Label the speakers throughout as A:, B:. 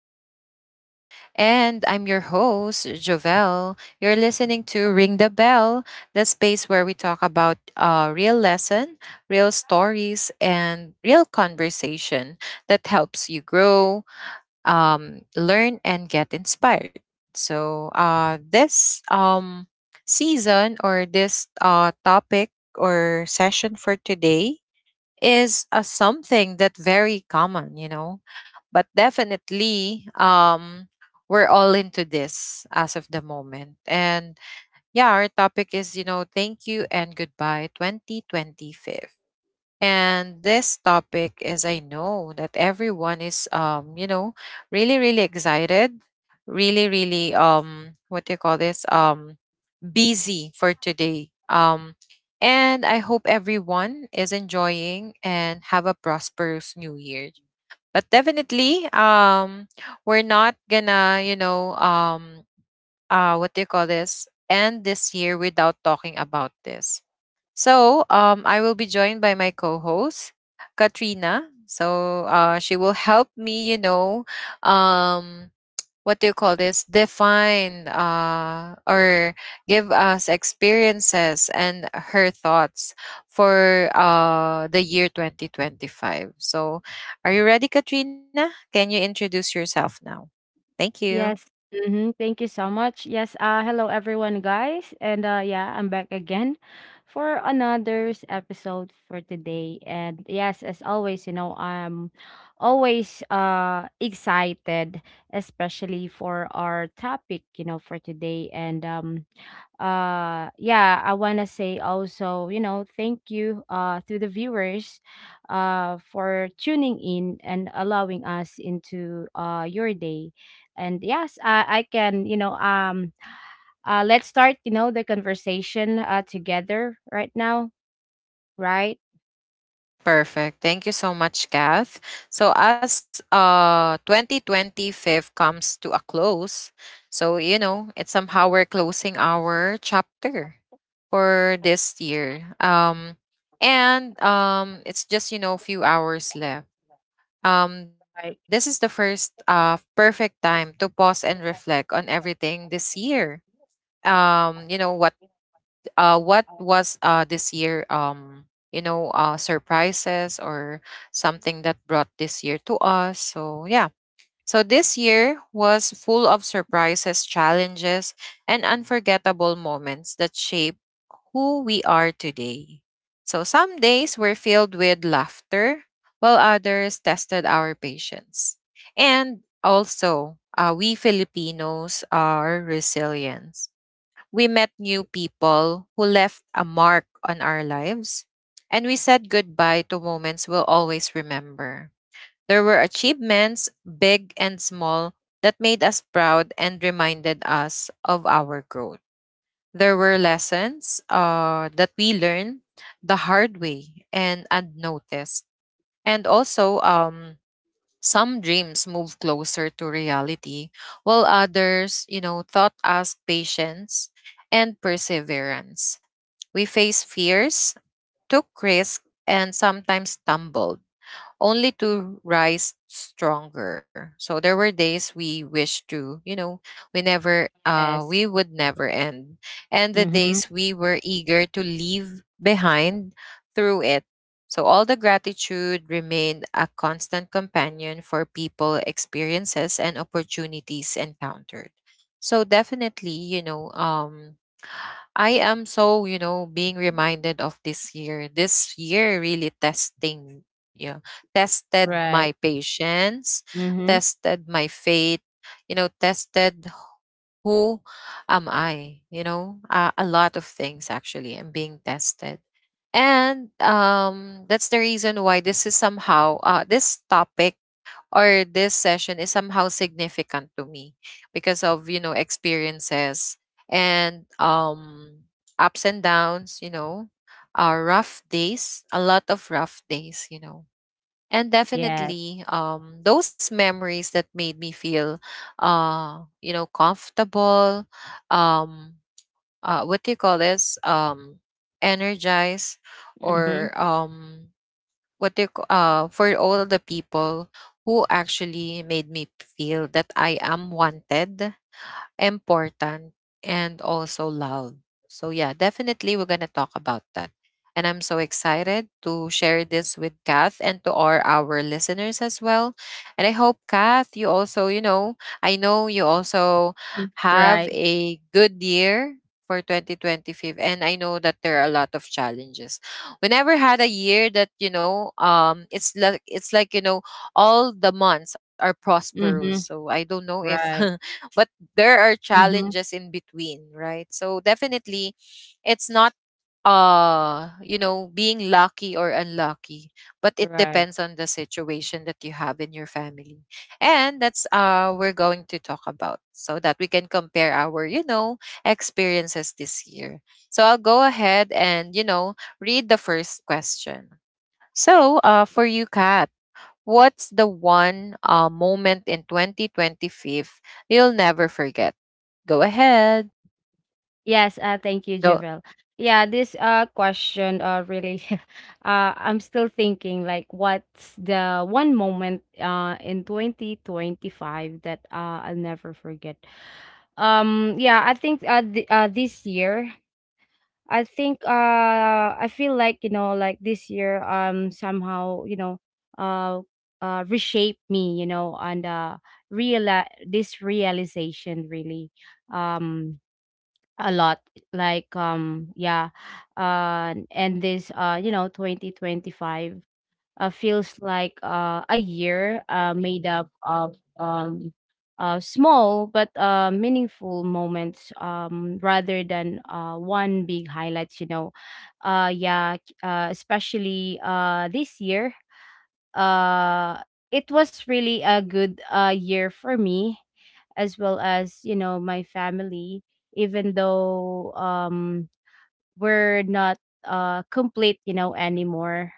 A: to the show. And I'm your host, Jovel. You're listening to Ring the Bell, the space where we talk about real lesson, real stories, and real conversation that helps you grow, learn, and get inspired. So this season or this topic or session for today is a something that very common. But definitely, we're all into this as of the moment. And yeah, our topic is, thank you and goodbye 2025. And this topic is I know that everyone is really, really excited, really, really what do you call this? Busy for today. And I hope everyone is enjoying and have a prosperous new year. But definitely, we're not gonna, what do you call this? End this year without talking about this. So, I will be joined by my co-host, Katrina. So, she will help me, um, what do you call this, define or give us experiences and her thoughts for the year 2025. So are you ready, Katrina? Can you introduce yourself now? Thank you.
B: Yes. Mm-hmm. Thank you so much. Yes. Hello, everyone, guys. And yeah, I'm back again for another's episode for today. And yes, as always, you know, I'm always excited, especially for our topic, you know, for today. And yeah, I want to say also, thank you to the viewers for tuning in and allowing us into your day. And yes, I can you know Let's start the conversation together right now. Right.
A: Perfect. Thank you so much, Kath. So as 2025 comes to a close, so you know, it's somehow we're closing our chapter for this year. And it's just, few hours left. This is the first perfect time to pause and reflect on everything this year. You know what was this year, surprises or something that brought this year to us? So yeah, so this year was full of surprises, challenges, and unforgettable moments that shape who we are today. So some days were filled with laughter while others tested our patience, and also we Filipinos are resilient. We met new people who left a mark on our lives, and we said goodbye to moments we'll always remember. There were achievements, big and small, that made us proud and reminded us of our growth. There were lessons that we learned the hard way and unnoticed. And also, some dreams move closer to reality, while others, you know, thought ask patience and perseverance. We face fears, took risks, and sometimes stumbled only to rise stronger. So there were days we wished to, we never,
B: Yes.
A: we would never end. And the
B: Mm-hmm.
A: days we were eager to leave behind through it. So all the gratitude remained a constant companion for people, experiences, and opportunities encountered. So definitely, I am so, being reminded of this year. This year really testing, yeah, tested
B: Right.
A: my patience,
B: Mm-hmm.
A: tested my faith, you know, tested who am I, a lot of things actually. I'm being tested. And that's the reason why this is somehow, this topic or this session is somehow significant to me because of, experiences and, ups and downs, rough days, a lot of rough days and
B: Yeah.
A: definitely those memories that made me feel comfortable, um what do you call this, energized,
B: Mm-hmm.
A: or what do you for all the people who actually made me feel that I am wanted, important, and also loud. So, yeah, definitely we're going to talk about that. And I'm so excited to share this with Kath and to all our listeners as well. And I hope, Kath, you also, you know, I know you also have
B: Right.
A: a good year for 2025. And I know that there are a lot of challenges. We never had a year that, it's like, it's like, all the months are prosperous.
B: Mhm.
A: So I don't know if
B: Right.
A: but there are
B: Mhm.
A: challenges in between, right? So definitely it's not you know, being lucky or unlucky, but it
B: Right.
A: depends on the situation that you have in your family. And that's we're going to talk about, so that we can compare our, you know, experiences this year. So I'll go ahead and, you know, read the first question. So for you, Kat, what's the one moment in 2025 you'll never forget? Go ahead.
B: Yes, thank you,
A: Go.
B: Javel. Yeah, this question really I'm still thinking like what's the one moment in 2025 that I'll never forget. Yeah, I think, this year, I think I feel like, you know, like this year, somehow, uh reshaped me, you know. And real this realization really, um a lot, like, and this, you know, 2025 feels like a year made up of small but meaningful moments, rather than one big highlights, you know. Especially this year, uh, it was really a good year for me, as well as, you know, my family, even though, we're not complete, you know, anymore.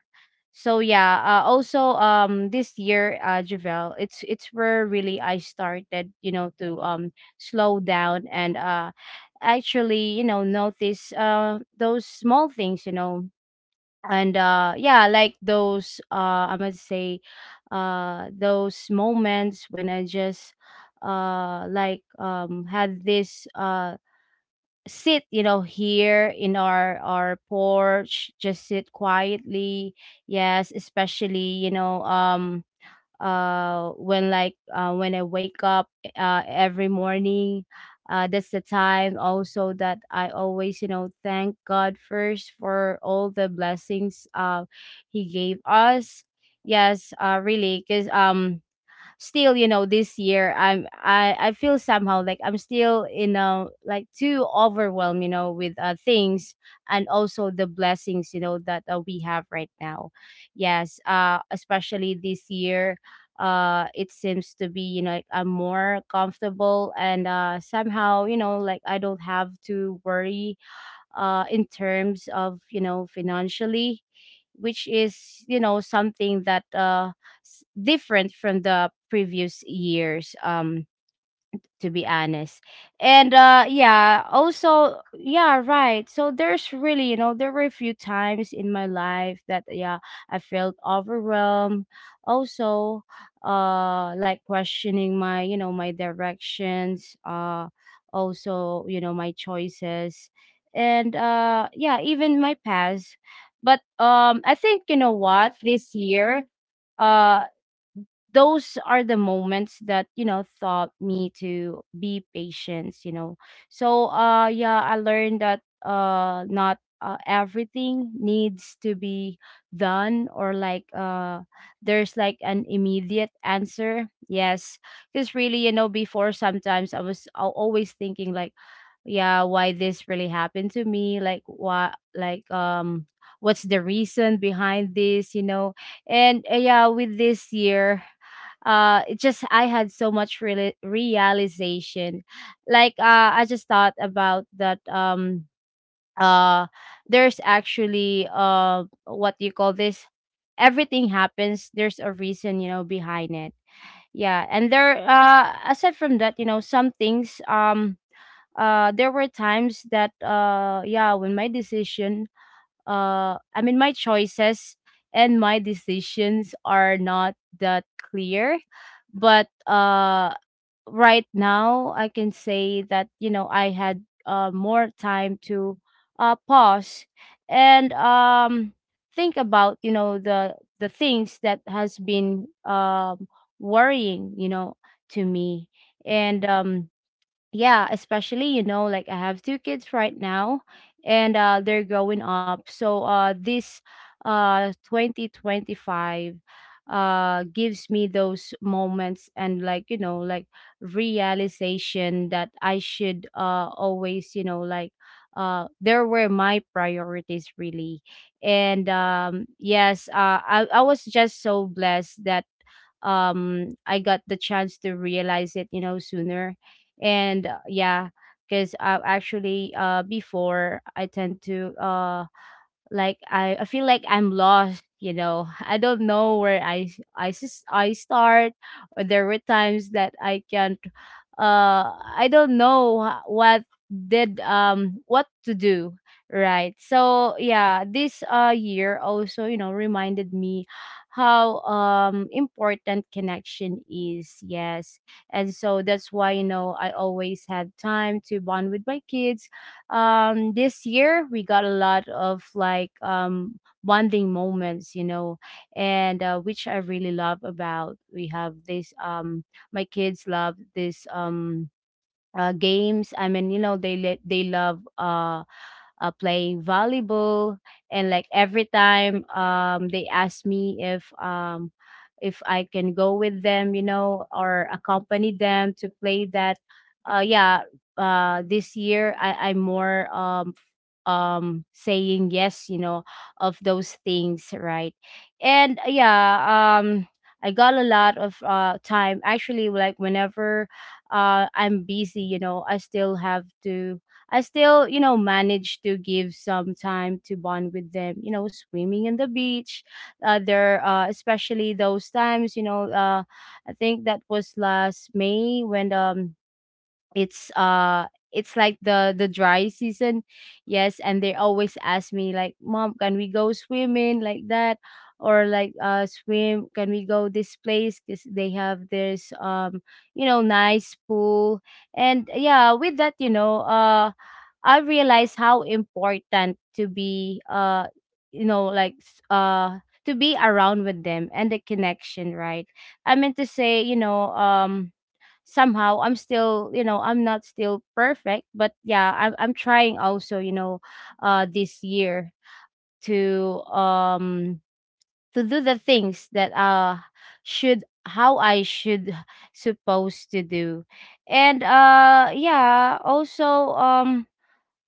B: So yeah, also, this year, Javel, it's where really I started, you know, to slow down and actually, you know, notice those small things, you know. And yeah, like those, I must say those moments when I just like had this sit, you know, here in our porch, just sit quietly. Yes, especially, you know, when, when I wake up every morning. That's the time also that I always, you know, thank God first for all the blessings he gave us. Yes, really, because, still, you know, this year I feel somehow like I'm still, you know, like too overwhelmed, you know, with things, and also the blessings, you know, that, we have right now. Yes, especially this year, it seems to be, you know, like I'm more comfortable, and somehow, you know, like I don't have to worry in terms of, you know, financially, which is, you know, something that different from the previous years, to be honest. And yeah, also yeah, right. So there's really, you know, there were a few times in my life that yeah, I felt overwhelmed. Also, like questioning my, you know, my directions, also, you know, my choices. And yeah, even my past. But I think, you know what, this year, uh those are the moments that, you know, taught me to be patient, you know. So yeah, I learned that not everything needs to be done, or like, there's like an immediate answer. Yes, because really, you know, before, sometimes I was always thinking like, yeah, why this really happened to me, like what, like, what's the reason behind this, you know. And yeah, with this year, it just, I had so much realization, like, I just thought about that, uh there's actually, what do you call this, everything happens, there's a reason, you know, behind it. Yeah. And there, aside from that, you know, some things, there were times that, yeah, when my decision, I mean, my choices and my decisions are not that clear. But right now I can say that, you know, I had more time to pause and think about, you know, the things that has been worrying, you know, to me. And yeah, especially, you know, like I have two kids right now, and they're growing up. So this 2025 gives me those moments, and like, you know, like realization that I should always, you know, like, there were my priorities really. And yes, I was just so blessed that, I got the chance to realize it, you know, sooner. And yeah, because actually, before, I tend to I feel like I'm lost, you know. I don't know where I start. Or there were times that I can't, I don't know what did what to do, right? So yeah, this year also, you know, reminded me how important connection is. Yes. And so that's why, you know, I always had time to bond with my kids. This year we got a lot of like bonding moments, you know, and which I really love about. We have this, my kids love this, games. I mean, you know, they love playing volleyball, and like every time, they ask me if, if I can go with them, you know, or accompany them to play that. Uh, yeah, this year I I'm more saying yes, you know, of those things, right. And yeah, I got a lot of time, actually. Like whenever I'm busy, you know, I still have to I still, you know, manage to give some time to bond with them, you know, swimming in the beach, there especially those times, you know. I think that was last May, when it's uh it's like the dry season. Yes, and they always ask me, like, mom, can we go swimming, like that, or like, swim can we go this place, because they have this, you know, nice pool. And yeah, with that, you know, I realized how important to be you know, to be around with them, and the connection, right. I meant to say, you know, somehow I'm still, you know, I'm not still perfect, but yeah, I'm trying also, you know, this year to um to do the things that should, how I should supposed to do. And yeah, also, um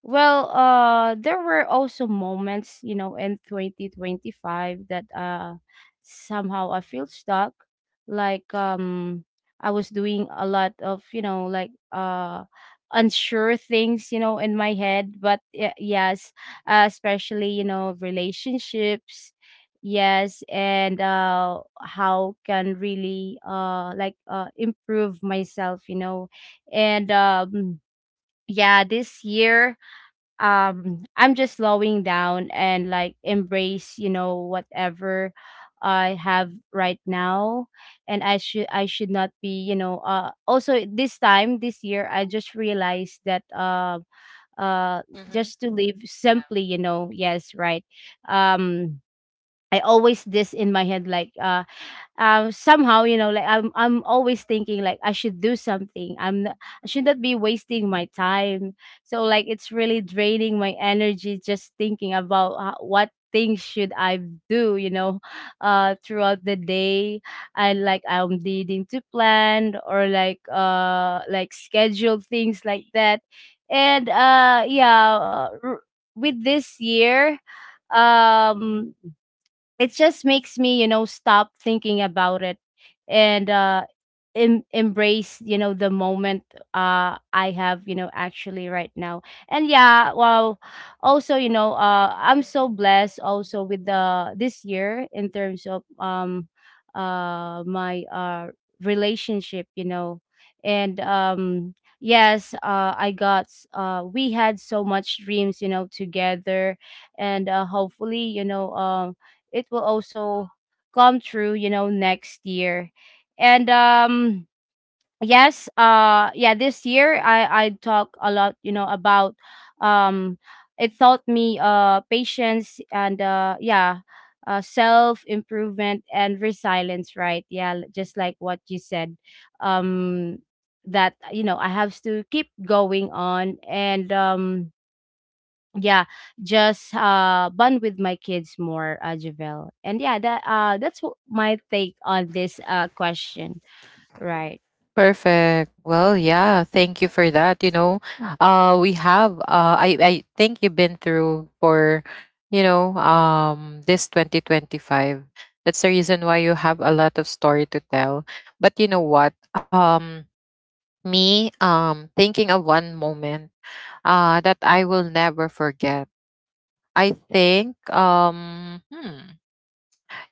B: well, there were also moments, you know, in 2025 that, somehow I feel stuck. Like, I was doing a lot of, you know, like, unsure things, you know, in my head. But yes, especially, you know, relationships. Yes, and how can really, improve myself, you know. And yeah, this year, I'm just slowing down, and like embrace, you know, whatever I have right now. And I should not be, you know, also this time, this year, I just realized that, uh
A: Hmm.
B: just to live
A: Yeah.
B: simply, you know. Yes, right. um I always this in my head, like, somehow, you know, like I'm always thinking like I should do something, I'm not, I should not be wasting my time. So like it's really draining my energy, just thinking about, what things should I do, you know, throughout the day, and like I'm needing to plan, or like, schedule things like that. And yeah, with this year, um it just makes me, you know, stop thinking about it, and embrace, you know, the moment I have, you know, actually, right now. And yeah, well, also, you know, I'm so blessed also with the this year in terms of, my relationship, you know. And yes, we had so much dreams, you know, together. And hopefully, you know, it will also come true, you know, next year. And yes, yeah, this year I talk a lot, you know, about, um it taught me patience, and yeah, self improvement and resilience, right? Yeah, just like what you said. Um that, you know, I have to keep going on. And yeah, just bond with my kids more, Javel. And yeah, that my take on this question, right.
A: Perfect. Well, yeah, thank you for that. You know, we have I think you've been through for, you know, this 2025. That's the reason why you have a lot of story to tell. But you know what? Me, thinking of one moment that I will never forget. I think hmm,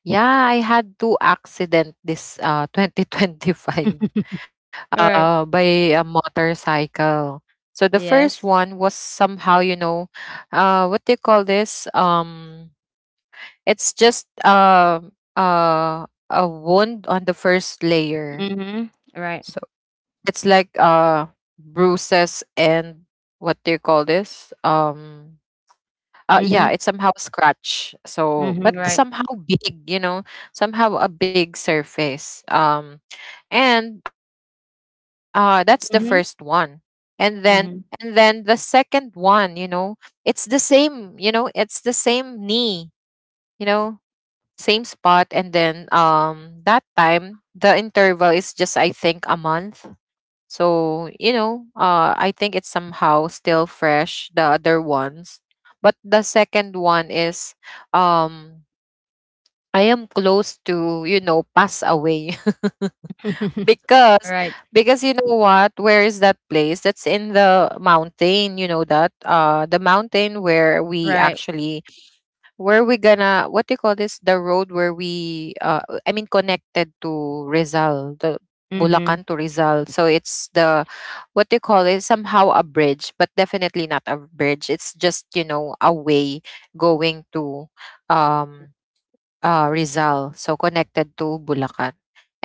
A: yeah, I had two accident this 2025
B: Right.
A: by a motorcycle. So the
B: Yes.
A: first one was somehow, what do you call this? It's just a wound on the first layer.
B: Mm-hmm. Right.
A: So it's like bruises and what do you call this? Yeah,
B: Mm-hmm.
A: it's somehow scratch. So,
B: Mm-hmm.
A: but
B: Right.
A: somehow big, you know, somehow a big surface. And That's the first one.
B: Mm-hmm.
A: And then, and then the
B: Mm-hmm.
A: second one, you know, it's the same, you know, it's the same knee, you know, same spot. And then, that time the interval is just, I think, a month, so, you know, I think it's somehow still fresh, the other ones. But the second one is, um I am close to, you know, pass away because
B: Right.
A: because you know what, where is that place? That's in the mountain, you know that? The mountain where we
B: Right.
A: actually, where we gonna, what do you call this, the road where we connected to Rizal, the
B: Mm-hmm.
A: Bulacan to Rizal. So it's the, what do you call it, somehow a bridge, but definitely not a bridge. It's just, you know, a way going to, um Rizal, so connected to Bulacan.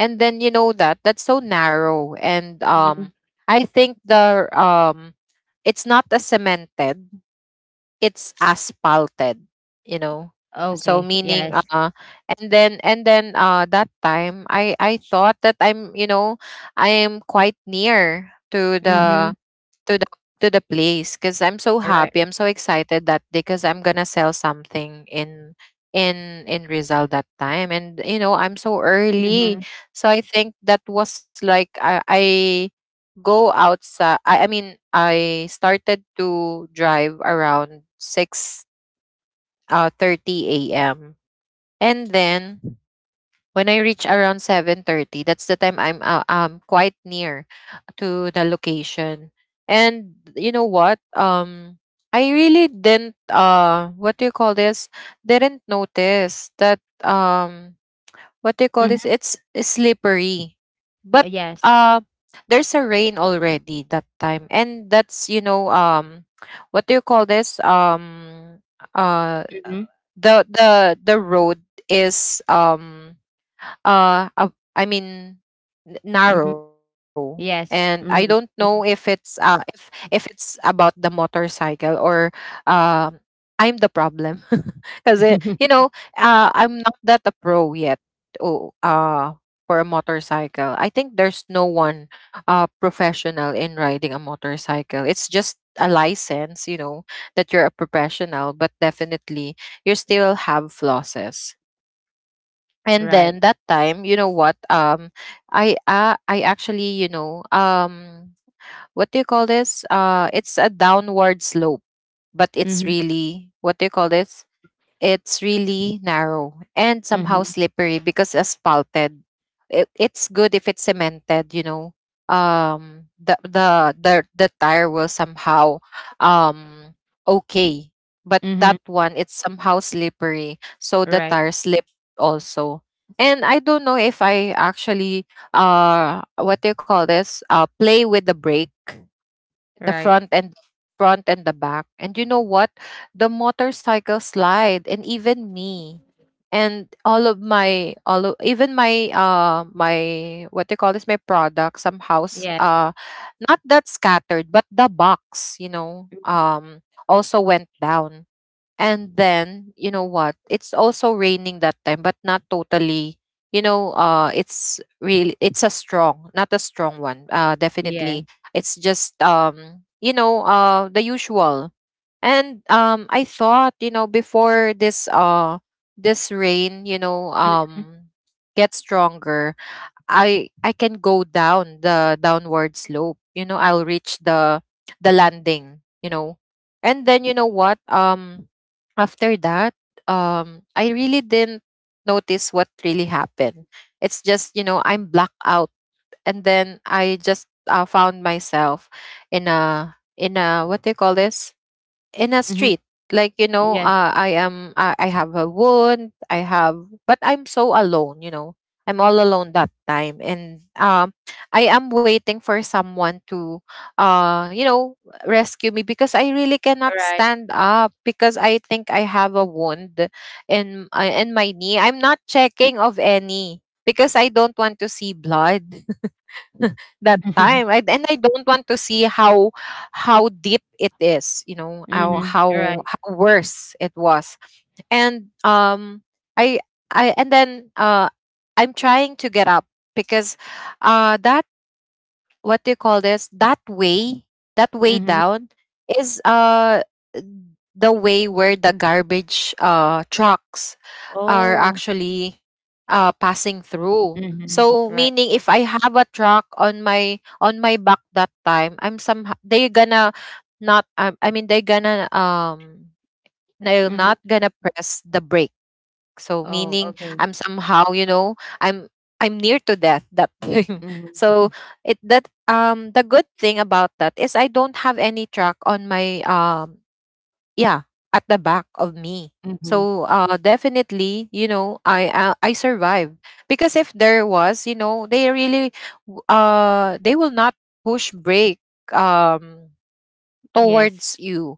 A: And then, you know that that's so narrow. And
B: Mm-hmm.
A: I think the, it's not as cemented, it's asphalted, you know. So
B: Okay.
A: meaning,
B: Yes.
A: and then that time I thought that I'm, you know, I am quite near to
B: Mm-hmm.
A: the, to the, to the place because I'm so
B: All right.
A: happy. I'm so excited that, because I'm gonna sell something in, in Rizal that time, and you know I'm so early.
B: Mm-hmm.
A: So I think that was like I go outside. I mean I started to drive around six thirty a.m. And then when I reach around 7:30, that's the time I'm quite near to the location. And you know what? I really didn't what do you call this? Didn't notice that, what do you call this?
B: Mm-hmm.
A: It's slippery. But
B: Yes.
A: uh there's a rain already that time. And that's, you know, what do you call this? Uh
B: Mm-hmm.
A: the the road is uh ab- i mean
B: Mm-hmm.
A: narrow, and I don't
B: Yes.
A: know
B: Mm-hmm.
A: if it's if it's about the motorcycle or, um I'm the problem because, you know, I'm not that a pro yet. Oh for a motorcycle, I think there's no one professional in riding a motorcycle. It's just a license, you know, that you're a professional, but definitely you still have flosses. And
B: Right.
A: then that time, you know what, I actually, you know, what do you call this, it's a downward slope, but it's
B: Mm-hmm.
A: really, what do you call this, it's really narrow and
B: Mm-hmm.
A: somehow slippery because asphalted. It's good if it's cemented, you know. The the tire will somehow, um okay, but that
B: Mm-hmm.
A: one it's somehow slippery, so the
B: Right.
A: tire slipped also. And I don't know if I actually what do you call this, play with the brake, the
B: Right.
A: front and, front and the back. And you know what? The motorcycle slide, and even me, and all of my, all of, even my my, what they call this, my product, some house,
B: Yes.
A: not that scattered, but the box, you know, also went down. And then, you know what? It's also raining that time, but not totally. You know, it's really, not a strong one.
B: Yes.
A: Definitely, it's just, the usual. And I thought, you know, before this this rain, you know,
B: Mhm,
A: gets stronger, I can go down the downward slope. You know, I'll reach the landing, you know. And then you know what? After that, I really didn't notice what really happened. It's just, you know, I'm blacked out, and then I just found myself in a, in a, what do you call this? In a
B: mhm.
A: street, like,
B: Yes.
A: I have a wound I have but I'm so alone. I'm all alone that time. And I am waiting for someone to uh you know rescue me, because I really cannot
B: Right.
A: stand up, because I think I have a wound in my knee. I'm not checking of any because I don't want to see blood that time, and I don't want to see how deep it is, you know, how
B: Mhm. Right.
A: how worse it was. and um i and then I'm trying to get up, because that what do you call this, that way,
B: Mhm.
A: down is the way where the garbage trucks are
B: Oh.
A: actually passing through.
B: Mhm.
A: So
B: Right.
A: meaning, if I have a truck on my back that time, I'm somehow they're gonna not, I mean they're gonna they're
B: Mhm.
A: not gonna press the brake. So
B: Oh,
A: meaning,
B: okay.
A: I'm somehow, you know, I'm near to death that time.
B: Mhm.
A: So it that the good thing about that is I don't have any track on my yeah, at the back of me.
B: Mhm.
A: So definitely, you know, I survived, because if there was, you know, they really they will not push break um
B: Yes.
A: towards you,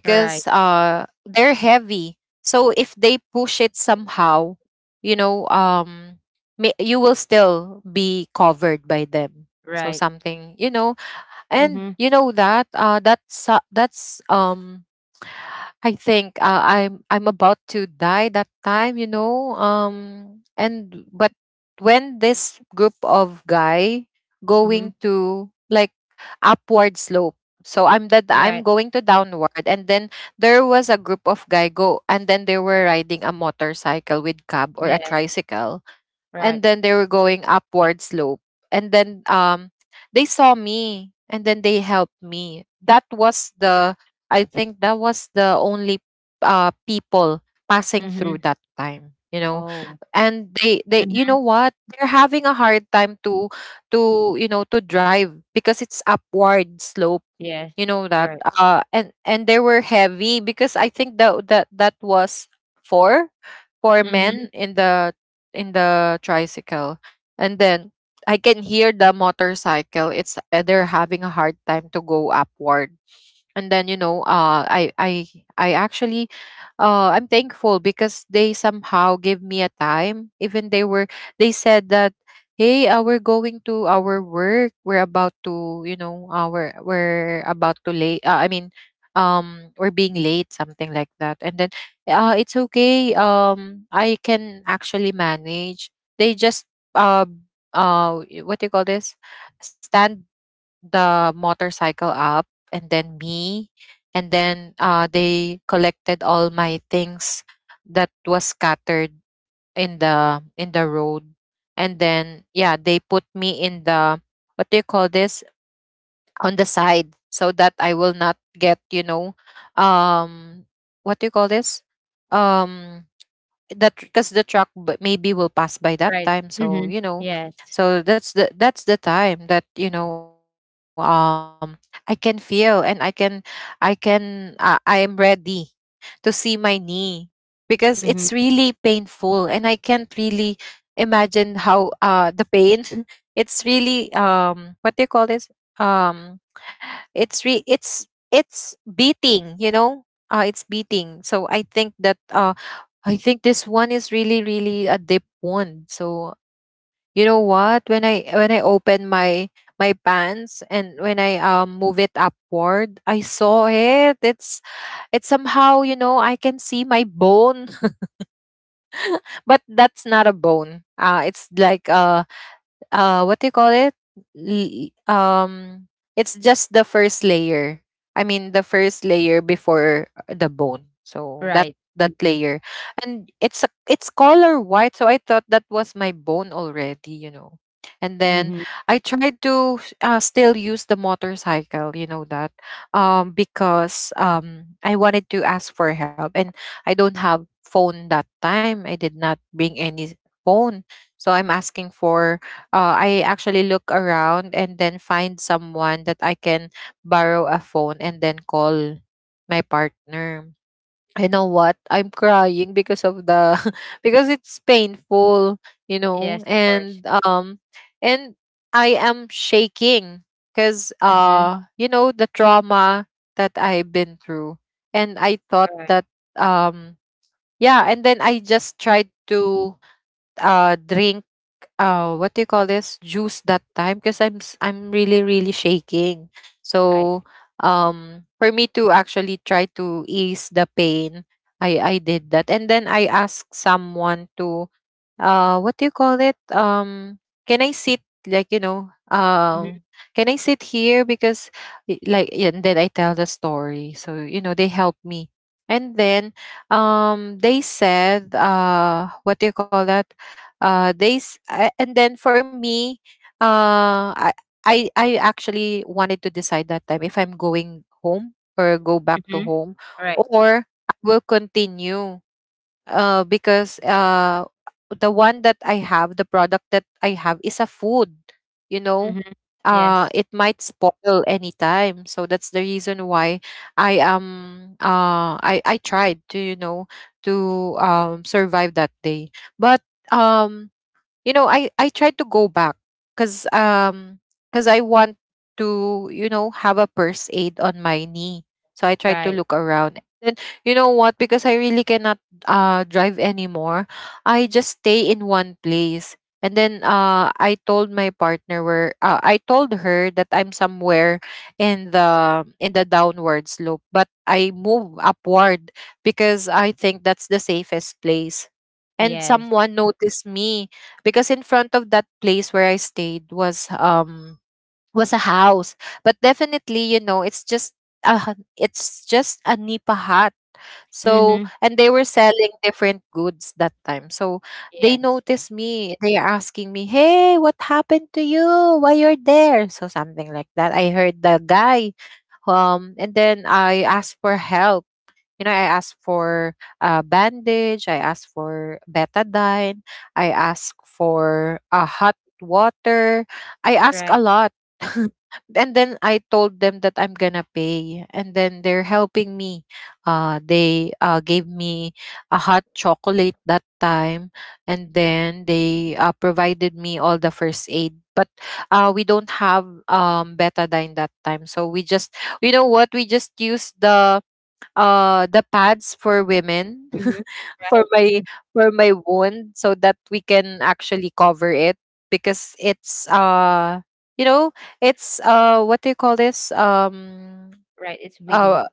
B: Right.
A: they're heavy, so if they push it somehow, you know um you will still be covered by them. So
B: Right.
A: something, you know. And
B: Mhm.
A: you know that that's I think, I'm about to die that time, you know. And but when this group of guy going
B: Mhm.
A: to like upward slope, so I'm that
B: Right.
A: I'm going to downward, and then there was a group of guy go, and then they were riding a motorcycle with cab or a
B: Yes.
A: tricycle.
B: Right.
A: And then they were going upward slope, and then they saw me and then they helped me. That was the I think that was the only people passing
B: Mhm.
A: through that time, you know.
B: Oh.
A: And they, you
B: Mhm.
A: know what, they're having a hard time to you know to drive because it's upward slope,
B: Yes.
A: you know that.
B: Right.
A: And they were heavy, because I think that was four
B: Mhm.
A: men in the tricycle. And then I can hear the motorcycle, it's, they're having a hard time to go upward. And then I actually, I'm thankful because they somehow gave me a time, even they were. They said that, hey, we're going to our work, we're about to, we're about to late, I mean, we're being late, something like that. And then it's okay, I can actually manage. They just uh what do you call this, stand the motorcycle up, and then me. And then they collected all my things that was scattered in the road. And then, yeah, they put me in the, what do you call this, on the side, so that I will not get, you know, um what do you call this, um that because the truck, but maybe, will pass by that
B: Right.
A: time,
B: Mhm.
A: so you know.
B: Yes.
A: So that's the time that, you know, I can feel, and I can, I am ready to see my knee, because it's really
B: Mhm.
A: painful, and I can't really imagine how the pain it's really, what do you call this um it's re it's it's beating, you know. It's beating, so I think that I think this one is really, really a deep one. So you know what, when I open my pants, and when I move it upward, I saw it, it's. It's somehow, you know, I can see my bone but that's not a bone. It's like a, what do you call it L- it's just the first layer, I mean, the first layer before the bone, so that
B: Right. Mhm.
A: layer. And it's color white, so I thought that was my bone already, you know. And then
B: Mhm.
A: I tried to, still use the motorcycle, you know that, because I wanted to ask for help, and I don't have phone that time, I did not bring any phone. So I'm asking for, I actually look around and then find someone that I can borrow a phone and then call my partner. You know what? I'm crying because of the because it's painful, you know,
B: Yes, of course.
A: and I am shaking, because
B: Mhm.
A: you know the trauma that I've been through. And I thought
B: Right.
A: that, um yeah, and then I just tried to drink, what do you call this, juice that time, because I'm, I'm really, really shaking.
B: Right.
A: So, for me to actually try to ease the pain, I did that, and then I asked someone to, what do you call it, can I sit, like you know,
B: Mhm.
A: can I sit here, because, like, yeah. And then I tell the story, so you know they help me. And then, they said, what do you call that, and then for me, uh I I actually wanted to decide that time, if I'm going home, or go back to
B: Mhm.
A: home,
B: Right.
A: or I will continue, because, the one that I have, the product that I have, is a food, you know,
B: Mhm. Yes.
A: it might spoil anytime. So that's the reason why I tried to, you know, to survive that day. But um, you know, I tried to go back, because um because I want to, you know, have a first aid on my knee. So I tried to
B: Right.
A: look around. Then, you know what, because I really cannot drive anymore. I just stay in one place, and then I told my partner where, I told her that I'm somewhere in the downward slope, but I move upward because I think that's the safest place. And
B: Yes.
A: someone noticed me, because in front of that place where I stayed, was a house. But definitely, you know, it's just a, it's just a nipa hut. So,
B: Mhm.
A: and they were selling different goods that time. So they
B: Yes.
A: noticed me, they are asking me, hey, what happened to you, why you're there, so something like that. I heard the guy, and then I asked for help. You know, I asked for a bandage, I asked for betadine, I asked for a hot water. I asked a
B: Right.
A: lot. And then I told them that I'm gonna pay, and then they're helping me. They, gave me a hot chocolate that time, and then they, provided me all the first aid. But we don't have, betadine that time, so we just, you know what, we just use the pads for women
B: Mhm.
A: for
B: Right.
A: my
B: Mm.
A: wound, so that we can actually cover it, because it's, you know, it's, what do you call this
B: Right. It's bleeding.
A: uh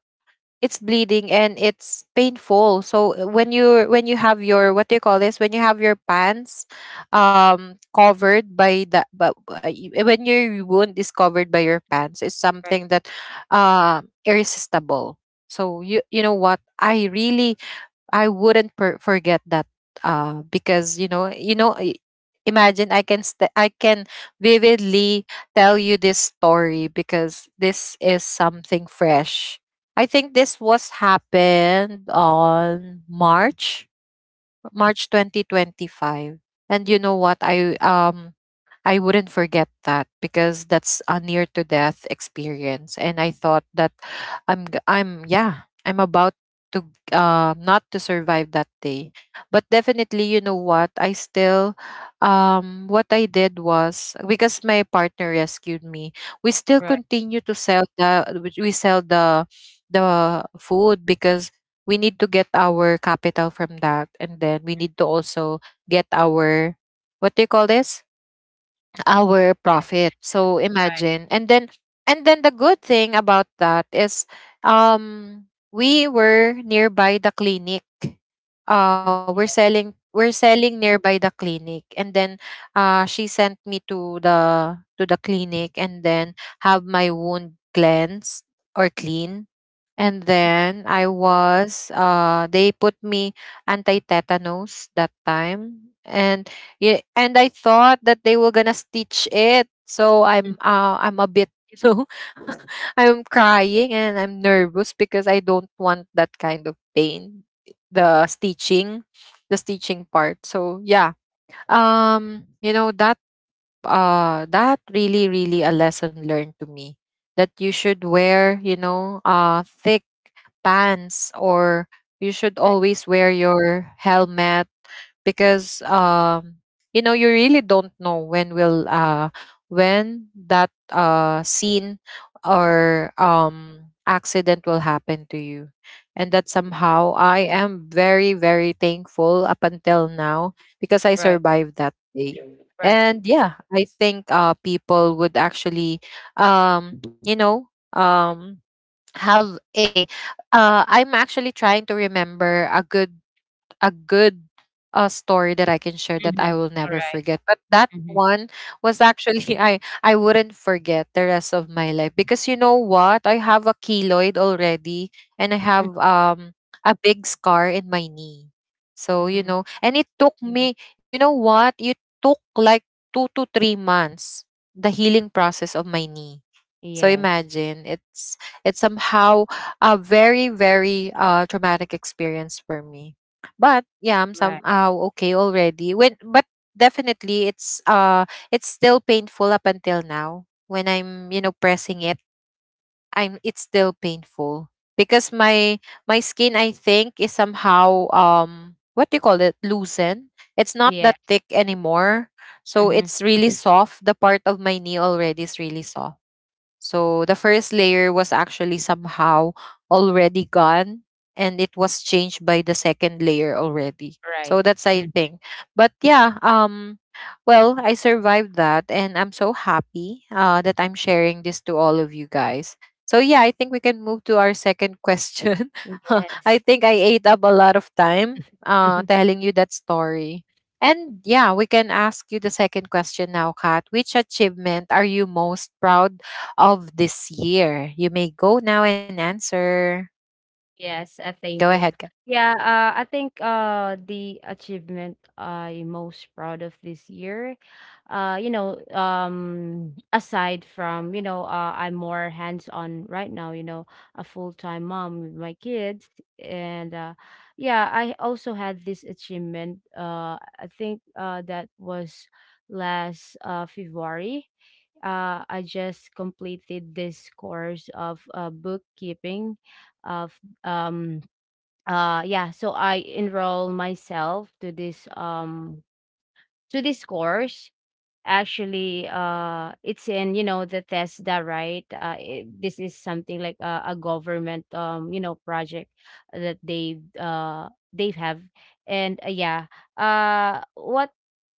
A: it's bleeding and it's painful. So, when you have your, what do you call this, when you have your pants, covered by the, but, when your wound is covered by your pants, it's
B: Right.
A: something that irresistible. So you know what, I really, I wouldn't, forget that, because, you know, imagine, I can, I can vividly tell you this story, because this is something fresh. I think this was happened on March, 2025, and you know what, I wouldn't forget that, because that's a near to death experience, and I thought that I'm, I'm, yeah, I'm about to, not to survive that day. But definitely, you know what? I still, what I did was, because my partner rescued me, we still
B: Right.
A: continue to sell the food, because we need to get our capital from that, and then we need to also get our, what do you call this, our
B: Yes.
A: profit. So
B: Right.
A: imagine. And then the good thing about that is, um we were nearby the clinic. Uh,
B: Mhm.
A: we're
B: Yes.
A: selling we're selling nearby the clinic, and then she sent me to the clinic, and then have my wound cleansed, or clean. And
B: Mhm.
A: then I was they put me anti-tetanus that time. And, yeah, and I thought that they were gonna stitch it. So I'm
B: Mm.
A: uh I'm a bit you know I'm crying and I'm nervous because I don't want that kind of pain. The stitching, the stitching part. So yeah. You know that that really, really a lesson learned to me. That you should wear, thick pants, or you should
B: Right.
A: always wear your helmet because you know, you really don't know when will when that scene or accident will happen to you. And that somehow I am very thankful up until now because I
B: Right.
A: survived that day.
B: Right.
A: And yeah, I think people would actually um you know um have a I'm actually trying to remember a good story that I can share that I
B: Mhm.
A: will never
B: Right.
A: forget. But that
B: Mhm.
A: one was actually I wouldn't forget the rest of my life because you know what? I have a keloid already, and I
B: Mm.
A: have a big scar in my knee. So, you
B: Mhm.
A: know, and it took me, you know what? It took like 2 to 3 months, the healing process of my knee. So
B: Yes.
A: imagine, it's somehow a very traumatic experience for me. But yeah, I'm
B: Right.
A: somehow okay already. When but definitely it's still painful up until now when I'm, you know, pressing it. I'm It's still painful because my skin, I think, is somehow what do you call it, loosen. It's not that
B: Yes.
A: thick anymore. So
B: Mhm.
A: it's really soft. The part of my knee already is really soft. So the first layer was actually somehow already gone, and it was changed by the second layer already.
B: Right.
A: So that's,
B: Mm.
A: I think. But yeah, well, I survived that, and I'm so happy that I'm sharing this to all of you guys. So yeah, I think we can move to our second question. I
B: Yes.
A: think I ate up a lot of time telling you that story. And yeah, we can ask you the second question now, Kat. Which achievement are you most proud of this year? You may go now and answer.
B: Yes,
A: Go
B: thank
A: ahead,
B: you.
A: Kat.
B: Yeah, I think the achievement I'm most proud of this year, aside from, I'm more hands-on right now, you know, a full-time mom with my kids. And yeah, I also had this achievement. I think that was last February. I just completed this course of bookkeeping of, um yeah, so I enroll myself to this, to this course. Actually it's in, you know, the TESDA, right? This is something like a government, you know, project that they have. And yeah, what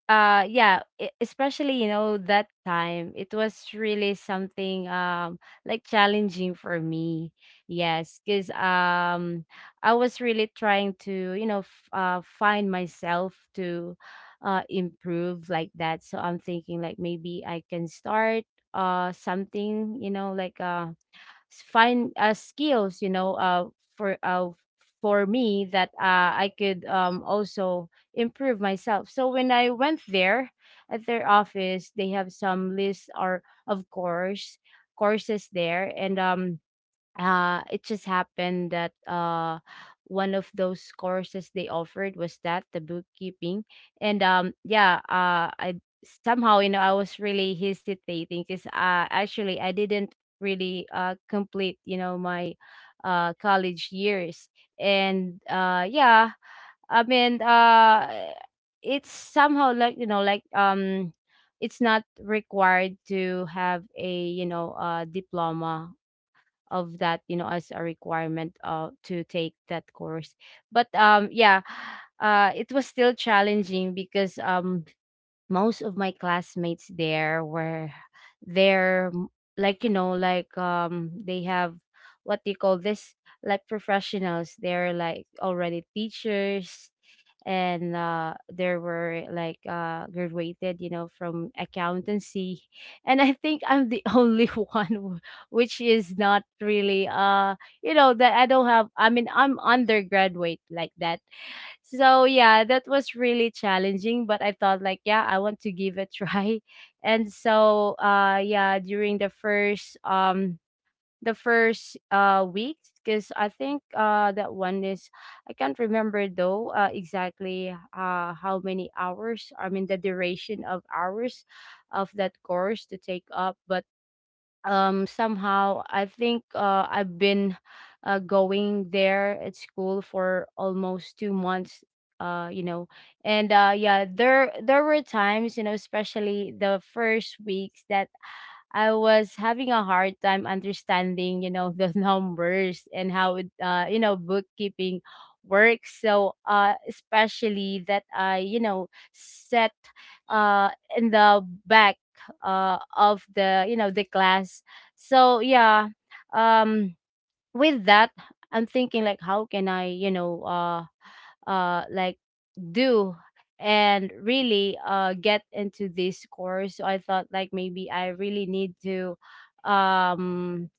B: yeah, especially you know that time, it was really something, like challenging for me, yes, because I was really trying to, you know, find myself to improve like that. So I'm thinking like maybe I can start something, you know, like find skills, for uh, for me that I could, also improve myself. So when I went there at their office, they have some list or of course courses there. And it just happened that one of those courses they offered was that the bookkeeping. And yeah, I somehow, you know, I was really hesitating because actually I didn't really complete, you know, my college years. And yeah, I mean it's somehow like, you know, like it's not required to have a, diploma of that, you know, as a requirement to take that course. But yeah, it was still challenging because most of my classmates there were, they're m- like, you know, like, they have what they call this, like professionals, they're like already teachers. And there were like graduated, you know, from accountancy and I think I'm the only one who-, which is not really you know, that I don't have, I mean, I'm undergraduate like that. So yeah, that was really challenging, but I thought like, yeah, I want to give it a try. And so yeah, during the first, the first week, because I think that one is, I can't remember though exactly how many hours, I mean the duration of hours of that course to take up. But somehow I think I've been going there at school for almost 2 months, you know. And yeah, there were times, you know, especially the first weeks, that I was having a hard time understanding, you know, the numbers and how it, you know, bookkeeping works. So, especially that I, you know, set uh in the back of the, you know, the class. So yeah, um with that, I'm thinking like how can I, like do and really get into this course. So I thought like maybe I really need to, um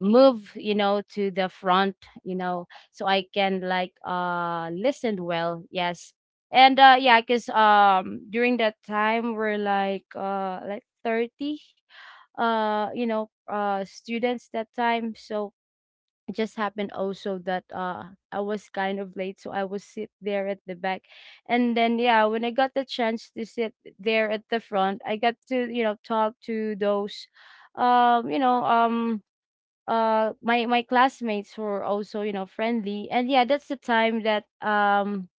B: move, you know, to the front, you know, so I can like listen well. Yes. And yeah, cuz during that time we're like 30 students that time. So it just happened also that I was kind of late, so I was sit there at the back, and then yeah, when I got the chance to sit there at the front, I got to, you know, talk to those, um you know um my, classmates, who were also, you know, friendly. And yeah, that's the time that um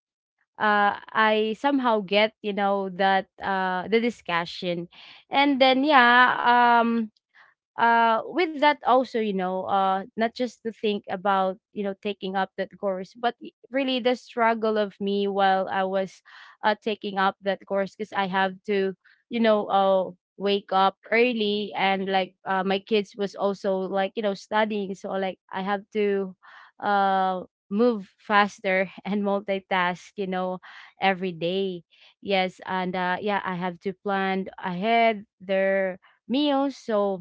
B: uh I somehow get, you know, that the discussion. And then yeah, with that also, you know, not just to think about, you know, taking up that course, but really the struggle of me while I was taking up that course, because I have to, you know uh wake up early. And like my kids was also, like, you know, studying, so like I have to uh move faster and multitask, you know, every day. Yes. And yeah, I have to plan ahead their meals, so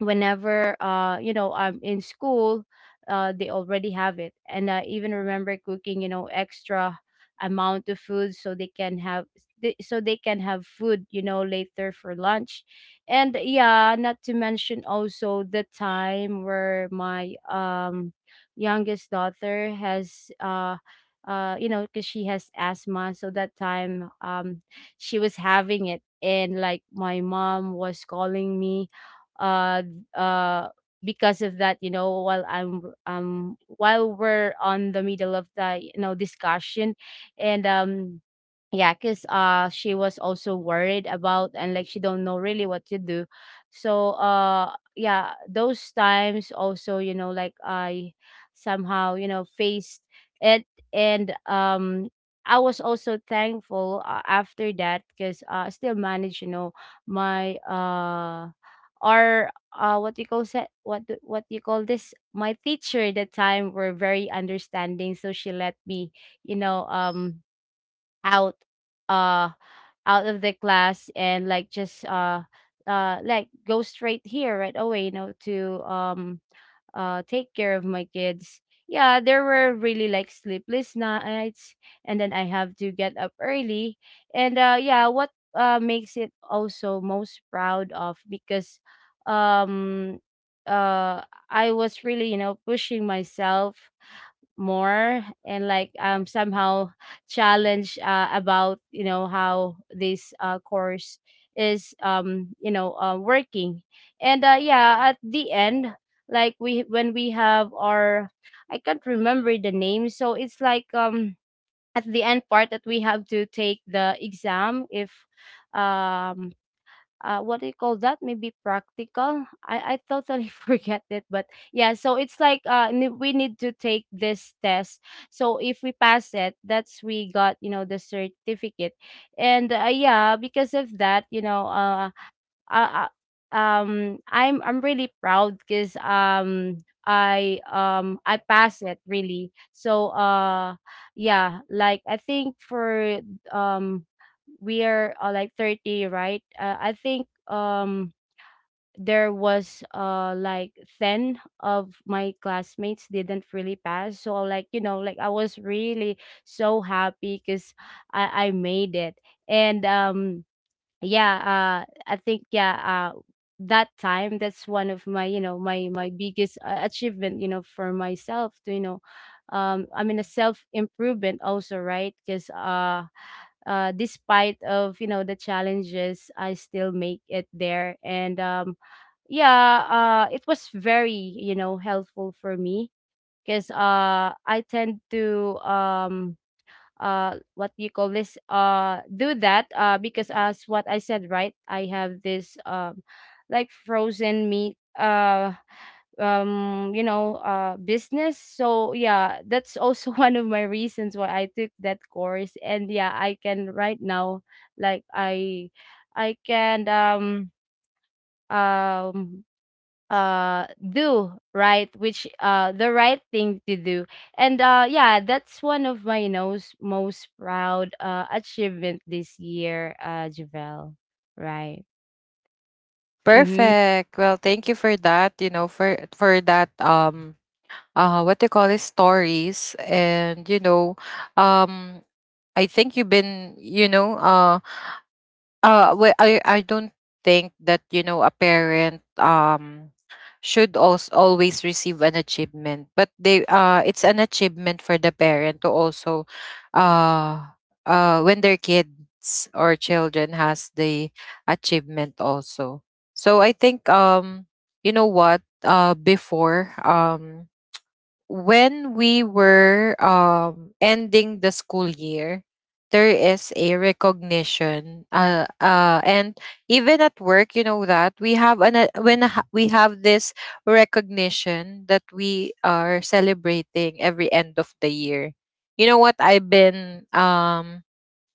B: whenever you know, I'm in school, they already have it. And I even remember cooking, you know, extra amount of food so they can have, so they can have food, you know, later for lunch. And yeah, not to mention also the time where my, youngest daughter has, you know, because she has asthma. So that time, she was having it and like my mom was calling me, uh uh because of that, you know, while I'm, while we're on the middle of the, you know, discussion. And yeah, because she was also worried about, and like she don't know really what to do. So yeah, those times also, you know, like I somehow, you know, faced it. And I was also thankful after that because I still managed, you know, my, or what you call, set, what do-, what you call this, my teacher at the time were very understanding, so she let me, you know um out uh out of the class, and like just like go straight here right away, you know, to, take care of my kids. Yeah, there were really like sleepless nights, and then I have to get up early. And yeah, what makes it also most proud of, because, um uh I was really, you know, pushing myself more. And like somehow challenge about, you know, how this course is, working. And yeah, at the end, like we when we have our, I can't remember the name, so it's like, at the end part that we have to take the exam, if, um what do you call that? Maybe practical. I totally forget it, but yeah. So it's like we need to take this test. So if we pass it, that's we got, you know, the certificate. And yeah, because of that, you know, uh, uh, I'm really proud because I passed it really. So yeah, like I think for, um we are like 30, right? I think there was like 10 of my classmates didn't really pass. So like, you know, like I was really so happy because I made it. And yeah, I think yeah that time, that's one of my, you know, my biggest achievement, you know, for myself, to, you know, I mean a self improvement also, right? Because despite of, you know, the challenges, I still make it there. And yeah, it was very, you know, helpful for me because I tend to, what do you call this, do that because as what I said, right, I have this, like, frozen meat, business. So yeah, that's also one of my reasons why I took that course. And yeah, I can right now, like i I can, um do right, which the right thing to do. And yeah, that's one of my, you know, most proud achievement this year, Javel. Right. mm-hmm
A: Perfect. Well, thank you for that, you know, for that what do you call it, stories, and you know, um I think you've been, you know, I don't think that, you know, a parent should also always receive an achievement, but they it's an achievement for the parent to also uh when their kids or children has the achievement also. So I think, you know what, before, when we were, ending the school year, there is a recognition, and even at work, you know, that we have an when we have this recognition that we are celebrating every end of the year. You know what, I've been,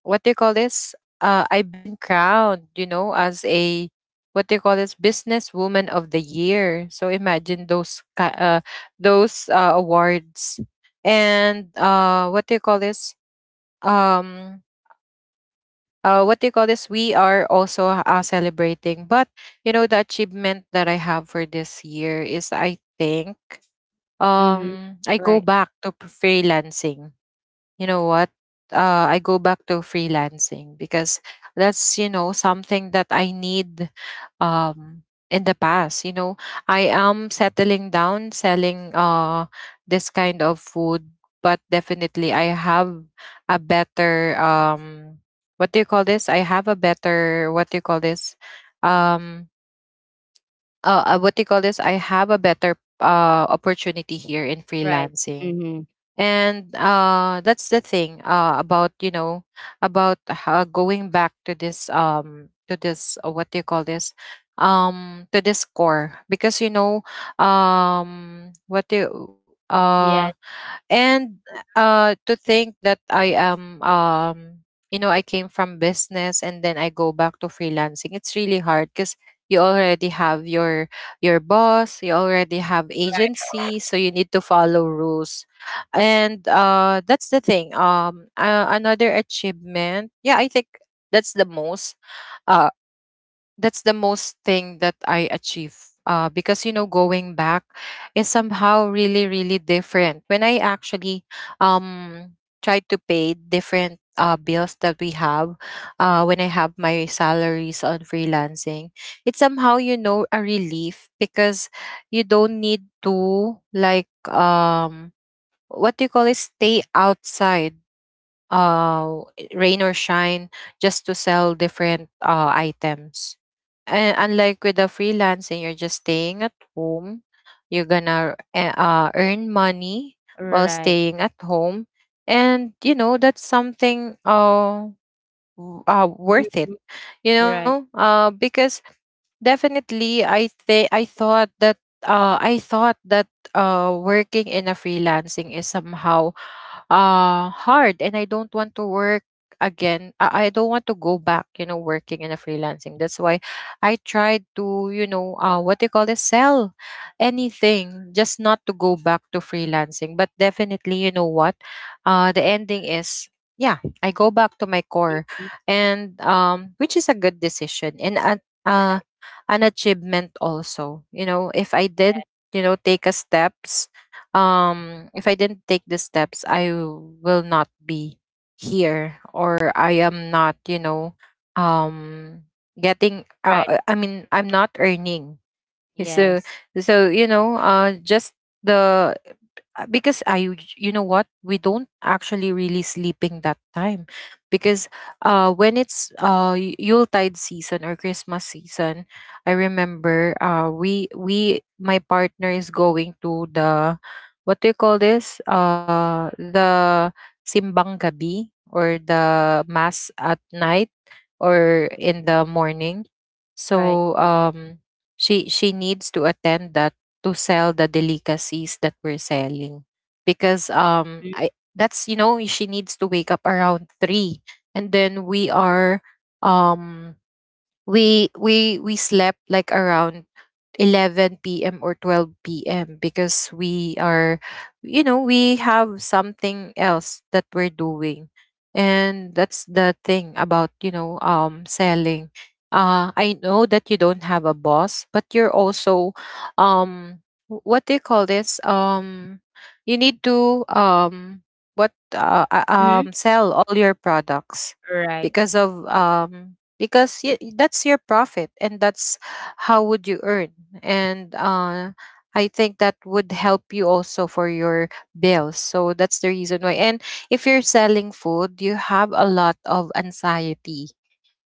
A: what do you call this? I've been crowned, you know, as a what do you call this? Businesswoman of the year. So imagine those those awards. And what do you call this? Um, what do you call this? We are also celebrating, but you know, the achievement that I have for this year is, I think,
B: mm-hmm
A: I go
B: right.
A: back to freelancing. You know what, I go back to freelancing because that's, you know, something that I need. um in the past, you know, I am settling down, selling this kind of food, but definitely I have a better what do you call this, I have a better what do you call this, um what do you call this, I have a better opportunity here in
B: Right.
A: freelancing.
B: mm-hmm
A: And that's the thing about, you know, about going back to this what do you call this, to this core, because you know, what do you
B: yeah.
A: and to think that I am, you know, I came from business and then I go back to freelancing, it's really hard because you already have your boss, you already have
B: Right.
A: agency, so you need to follow rules. And that's the thing, another achievement. Yeah, I think that's the most uh, that's the most thing that I achieve. Because, you know, going back is somehow really different. When I actually tried to pay different bills that we have, when I have my salaries on freelancing, it's somehow, you know, a relief, because you don't need to like what do you call it, stay outside uh rain or shine just to sell different items. And unlike with the freelancing, you're just staying at home, you're gonna earn money while
B: Right.
A: staying at home. And you know, that's something worth it,
B: mm-hmm.
A: you know,
B: Right.
A: because definitely, I think, I thought that working in a freelancing is somehow hard, and I don't want to work again. I don't want to go back, you know, working in a freelancing. That's why I tried to, you know, what do you call this, sell anything just not to go back to freelancing. But definitely, you know what? The ending is, yeah, I go back to my core.
B: Mhm.
A: And which is a good decision, and uh
B: Right.
A: an achievement also. You know, if I
B: Yeah.
A: didn't, you know, take a steps, if I didn't take the steps, I will not be here, or I am not, you know, um getting
B: Right.
A: I mean, I'm
B: Mhm.
A: not earning. So,
B: Yes.
A: so you know, just the because I, you know what, we don't actually really sleeping that time, because when it's Yuletide season or Christmas season, I remember, we my partner is going to the what do you call this, the simbang gabi, or the mass at night or in the morning.
B: Right.
A: So she needs to attend that, to sell the delicacies that we're selling because I that's, you know, she needs to wake up around 3, and then we are, um we slept like around 11 p.m. or 12 p.m. because we are, you know, we have something else that we're doing. And that's the thing about, you know, selling. I know that you don't have a boss, but you're also, um, wh- what do you call this? You need to,
B: mm-hmm.
A: sell all your products,
B: Right.
A: because of, because that's your profit, and that's how would you earn. And I think that would help you also for your bills. So that's the reason why. And if you're selling food, you have a lot of anxiety,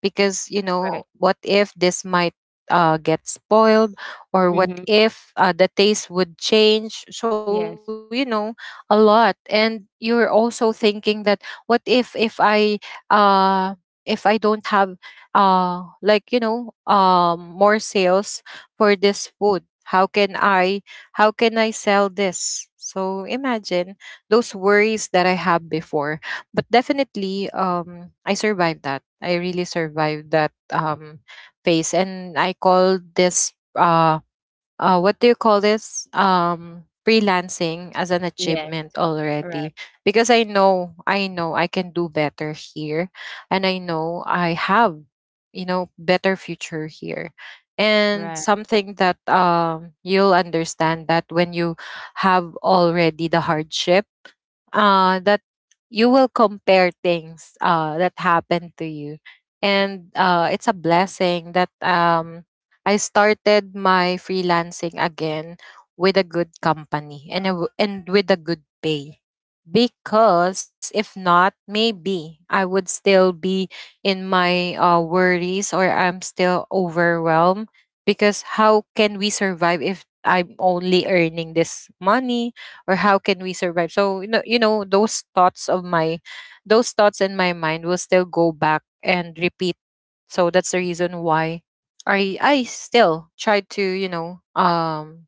A: because, you
B: Right.
A: know, what if this might get spoiled, or what
B: mm-hmm.
A: if the taste would change? So, you
B: Yes.
A: know, a lot. And you're also thinking that, what if, uh if I don't have like, you know, more sales for this food, how can I how can I sell this? So imagine those worries that I have before. But definitely, I survived that, I really survived that phase, and I call this what do you call this, freelancing as an
B: Yes.
A: achievement
B: Right.
A: already, because I know, I know I can do better here, and I know I have, you know, better future here. And
B: Right.
A: something that, you'll understand that when you have already the hardship that you will compare things that happened to you. And it's a blessing that, I started my freelancing again with a good company, and, a w and with a good pay. Because if not, maybe I would still be in my worries, or I'm still overwhelmed. Because how can we survive if I'm only earning this money? Or how can we survive? So, you know, you know, those thoughts in my mind will still go back and repeat. So that's the reason why I still try to, you know,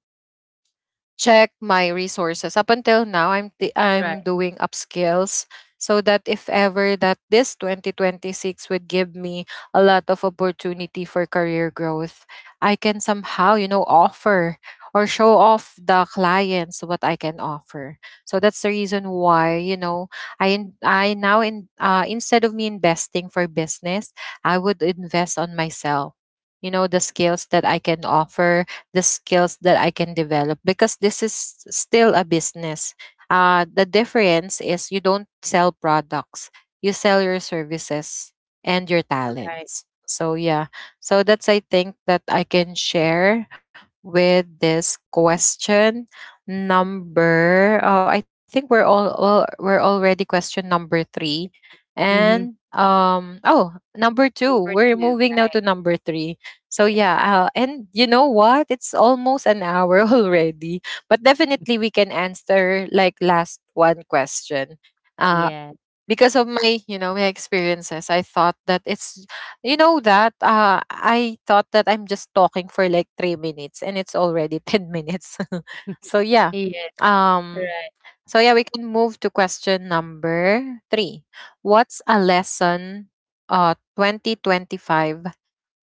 A: check my resources. Up until now,
B: Right.
A: I'm doing upskills, so that if ever that this 2026 would give me a lot of opportunity for career growth, I can somehow, you know, offer or show off the clients what I can offer. So that's the reason why, you know, I now in, instead of me investing for business, I would invest on myself. You know, the skills that I can offer, the skills that I can develop, because this is still a business. The difference is, you don't sell products, you sell your services and your
B: Right.
A: talents. So, yeah. So, that's, I think, that I can share with this question number oh I think we're all we're already question number three. And
B: Mhm.
A: number two,
B: Number
A: we're
B: 2,
A: moving now to
B: right.
A: number three. So
B: Yes.
A: yeah, and you know what? It's almost an hour already, but
B: Mm.
A: definitely we can answer like last one question. Uh,
B: Yeah.
A: because of my, you know, my experiences, I thought that it's, you know, that I thought that I'm just talking for like 3 minutes, and it's already 10 minutes. so yeah,
B: Yes,
A: um,
B: right.
A: so yeah, we can move to question number three. What's a lesson? Uh, 2025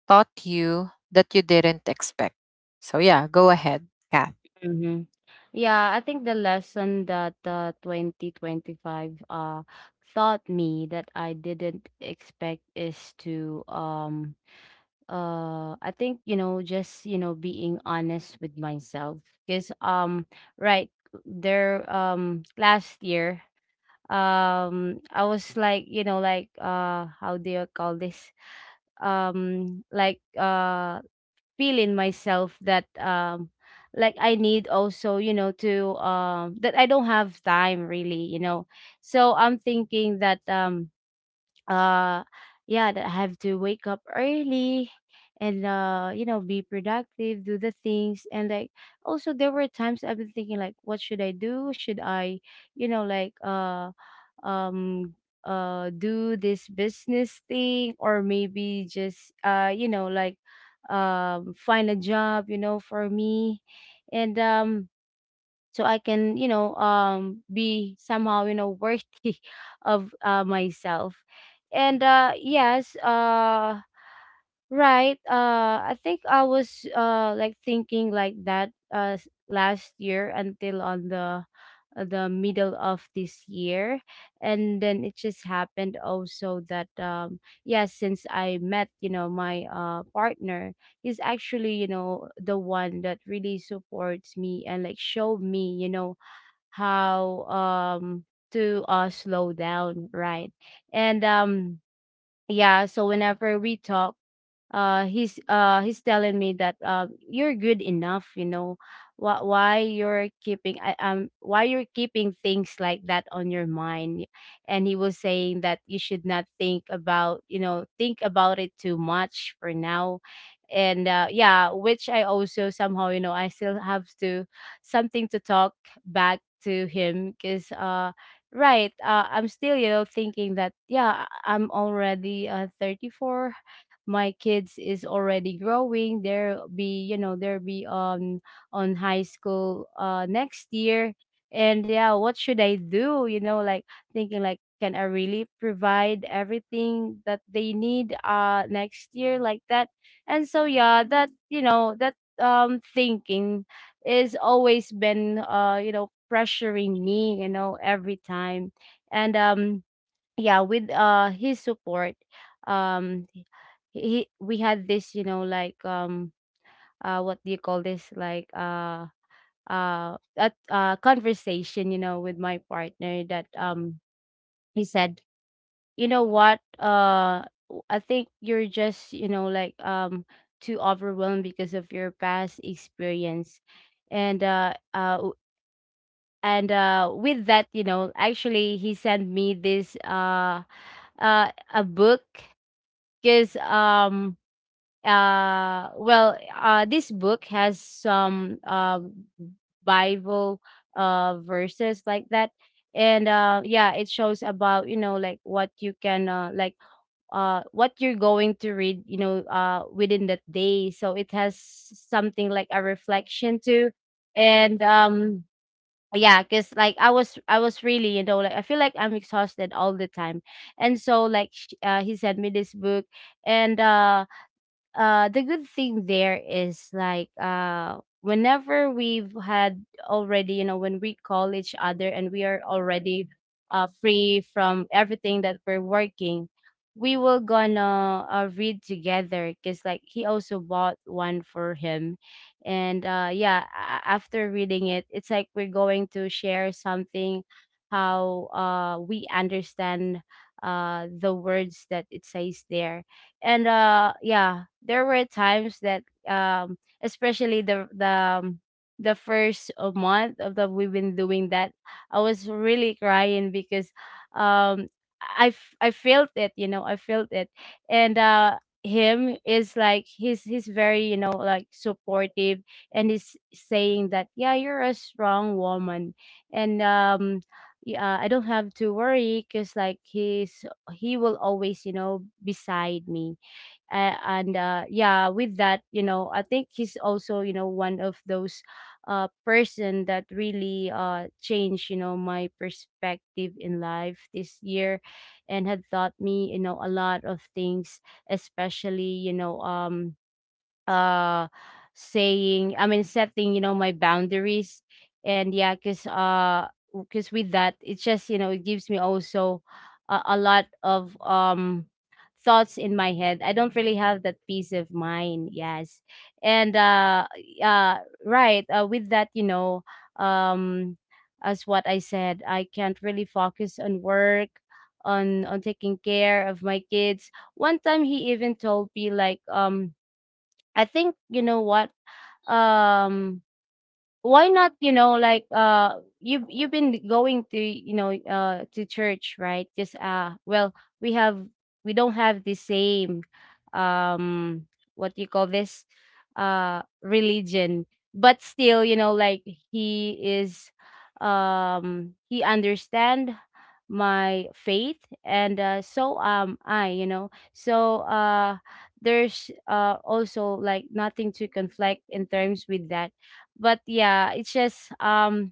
A: taught you that you didn't expect? So, yeah, go ahead, Kath.
B: Mhm. Yeah, I think the lesson that 2025 uh taught me that I didn't expect is to, I think, you know, just, you know, being honest with myself. Because right, there, last year, I was like, you know, like, how do you call this, um like uh feel in myself that like I need also, you know, to, that I don't have time really, you know. So I'm thinking that, uh yeah, that I have to wake up early, and you know, be productive, do the things. And like also there were times I've been thinking like what should I do, should I, you know like uh um do this business thing, or maybe just you know, like, find a job, you know, for me. And so I can, you know, be somehow, you know, worthy of myself. And yes, right. I think I was like thinking like that last year until on the middle of this year. And then it just happened also that yes, since I met my partner. He's actually the one that really supports me and like showed me how to slow down, right? And yeah, so whenever we talk, he's telling me that, you're good enough. Why you're why you're keeping things like that on your mind? And he was saying that you should not think about, think about it too much for now. And yeah, which I also somehow, I still have to something to talk back to him because, right. I'm still, thinking that yeah, I'm already 34. My kids is already growing. They'll be on high school next year. And yeah, what should I do, like thinking like, can I really provide everything that they need next year, like that? And so yeah, that, thinking is always been, pressuring me, every time. And yeah, with his support. um he, we had this, like, what do you call this, like, a conversation, with my partner, that he said, "You know what, I think you're just, like, too overwhelmed because of your past experience." And uh uh w- and uh with that, actually he sent me this, a book. Because, well, this book has some Bible verses, like that. And yeah, it shows about, like, what you can, like, what you're going to read, within that day. So it has something like a reflection too. And yeah, because like I was really, like, I feel like I'm exhausted all the time. And so, like, he sent me this book. And uh uh the good thing there is like, whenever we've had already, when we call each other and we are already free from everything that we're working, we will gonna, read together because like he also bought one for him. And yeah, after reading it, it's like we're going to share something, how we understand the words that it says there. And yeah, there were times that, especially um, the first, month of the we've been doing that, I was really crying because, um I felt it, I felt it. And him is like, he's very, like, supportive. And he's saying that yeah, you're a strong woman. And yeah, I don't have to worry because like he's, he will always, beside me. Uh, and uh yeah with that, I think he's also, one of those person that really changed, my perspective in life this year, and had taught me, a lot of things, especially, uh saying, I mean, setting, my boundaries. And yeah, because, because with that it's just, it gives me also a lot of thoughts in my head. I don't really have that peace of mind, yes. And uh uh right with that, um as what I said, I can't really focus on work, on taking care of my kids. One time he even told me, like, I think, you know what? Um why not, like, you've been going to, to church, right? Just, well, we have, we don't have the same, um what do you call this, religion. But still, like, he is, he understand my faith, and so am I, so, there's also like nothing to conflict in terms with that. But yeah, it's just, um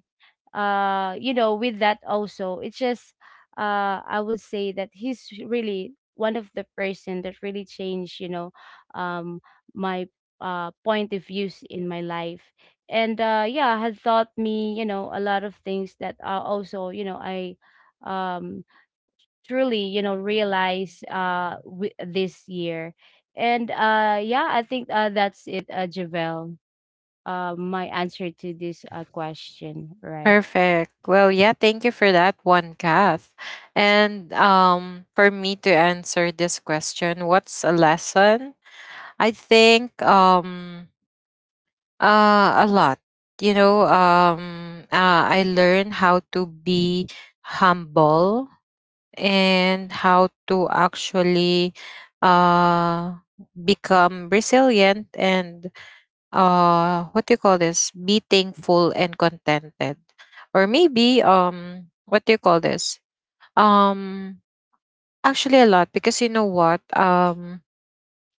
B: uh with that also, it's just, I would say that he's really one of the person that really changed, um my point of views in my life. And yeah, had taught me, a lot of things that are also, you know I um truly, realize, this year. And yeah, I think that's it, Javel. My answer to this, question, right?
A: Perfect. Well, yeah, thank you for that one, Kath. And for me to answer this question, what's a lesson? I think a lot. You know, I learned how to be humble and how to actually uh, become resilient and what do you call this, be thankful and contented, or maybe what do you call this, um actually a lot. Because you know what?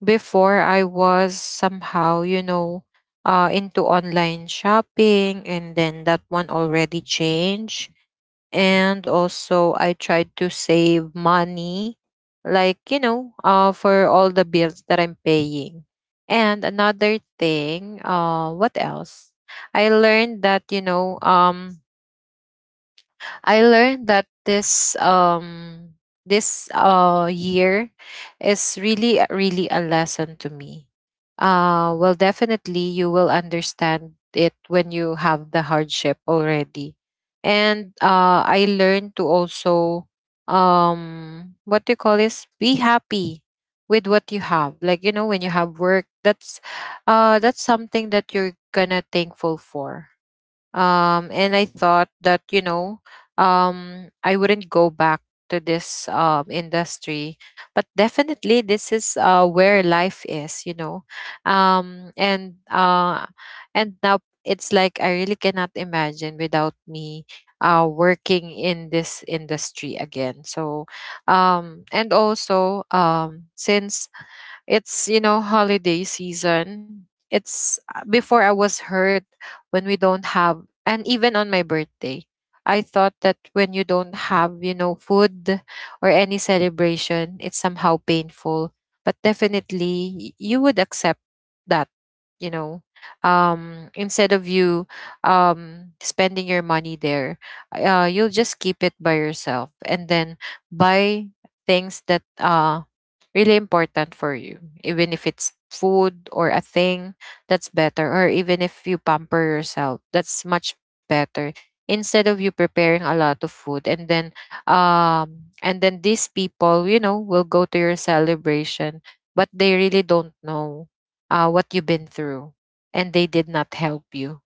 A: Before, I was somehow, you know, into online shopping, and then that one already changed. And also, I tried to save money, like, you know, for all the bills that I'm paying. And another thing, what else? I learned that, you know, I learned that this year is really really a lesson to me. Well, definitely you will understand it when you have the hardship already. And I learned to also what do you call this? Be happy with what you have. Like, you know, when you
B: Right.
A: have work, that's something that you're gonna thankful for. And I thought that, you know, I wouldn't go back to this industry, but definitely this is where life is, you know. um and uh and now it's like I really cannot imagine without me working in this industry again. So and also, since it's, you know, holiday season. It's Before, I was hurt when we don't have, and even on my birthday, I thought that when you don't have, you know, food or any celebration, it's somehow painful. But definitely, you would accept that, you know, instead of you spending your money there, you'll just keep it by yourself and then buy things that really important for you. Even if it's food or a thing, that's better. Or even if you pamper yourself, that's much better. Instead of you preparing a lot of food and then these people, you know, will go to your celebration, but they really don't know what you've been through, and they did not help you,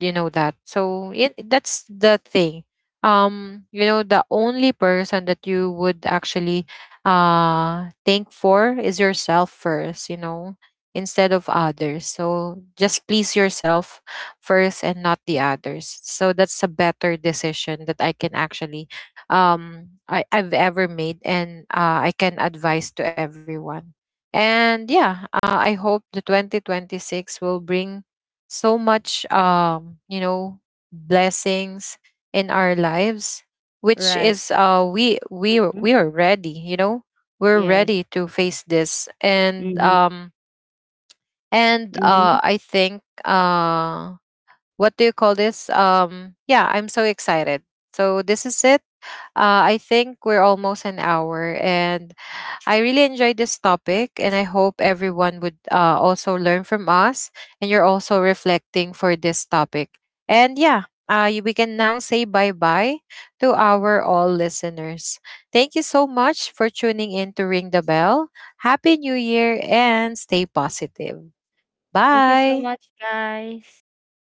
A: you know that. So it, that's the thing. You know, the only person that you would actually think for is yourself first, you know, instead of others. So just please yourself first and not the others. So that's a better decision that I can actually I've ever made, and I can advise to everyone. And yeah, I hope the 2026 will bring so much you know blessings in our lives, which
B: Right.
A: is
B: Hmm.
A: we are ready, you know, we're
B: Yes.
A: ready to face this. and
B: Mm-hmm.
A: um and
B: Mm-hmm.
A: uh I think what do you call this? Yeah, I'm so excited. So this is it. I think we're almost an hour, and I really enjoyed this topic, and I hope everyone would also learn from us and you're also reflecting for this topic. And yeah, we can now say bye bye to our all listeners. Thank you so much for tuning in to Ring the Bell. Happy New Year and stay positive.
B: Thank you so
A: Bye.
B: much, guys.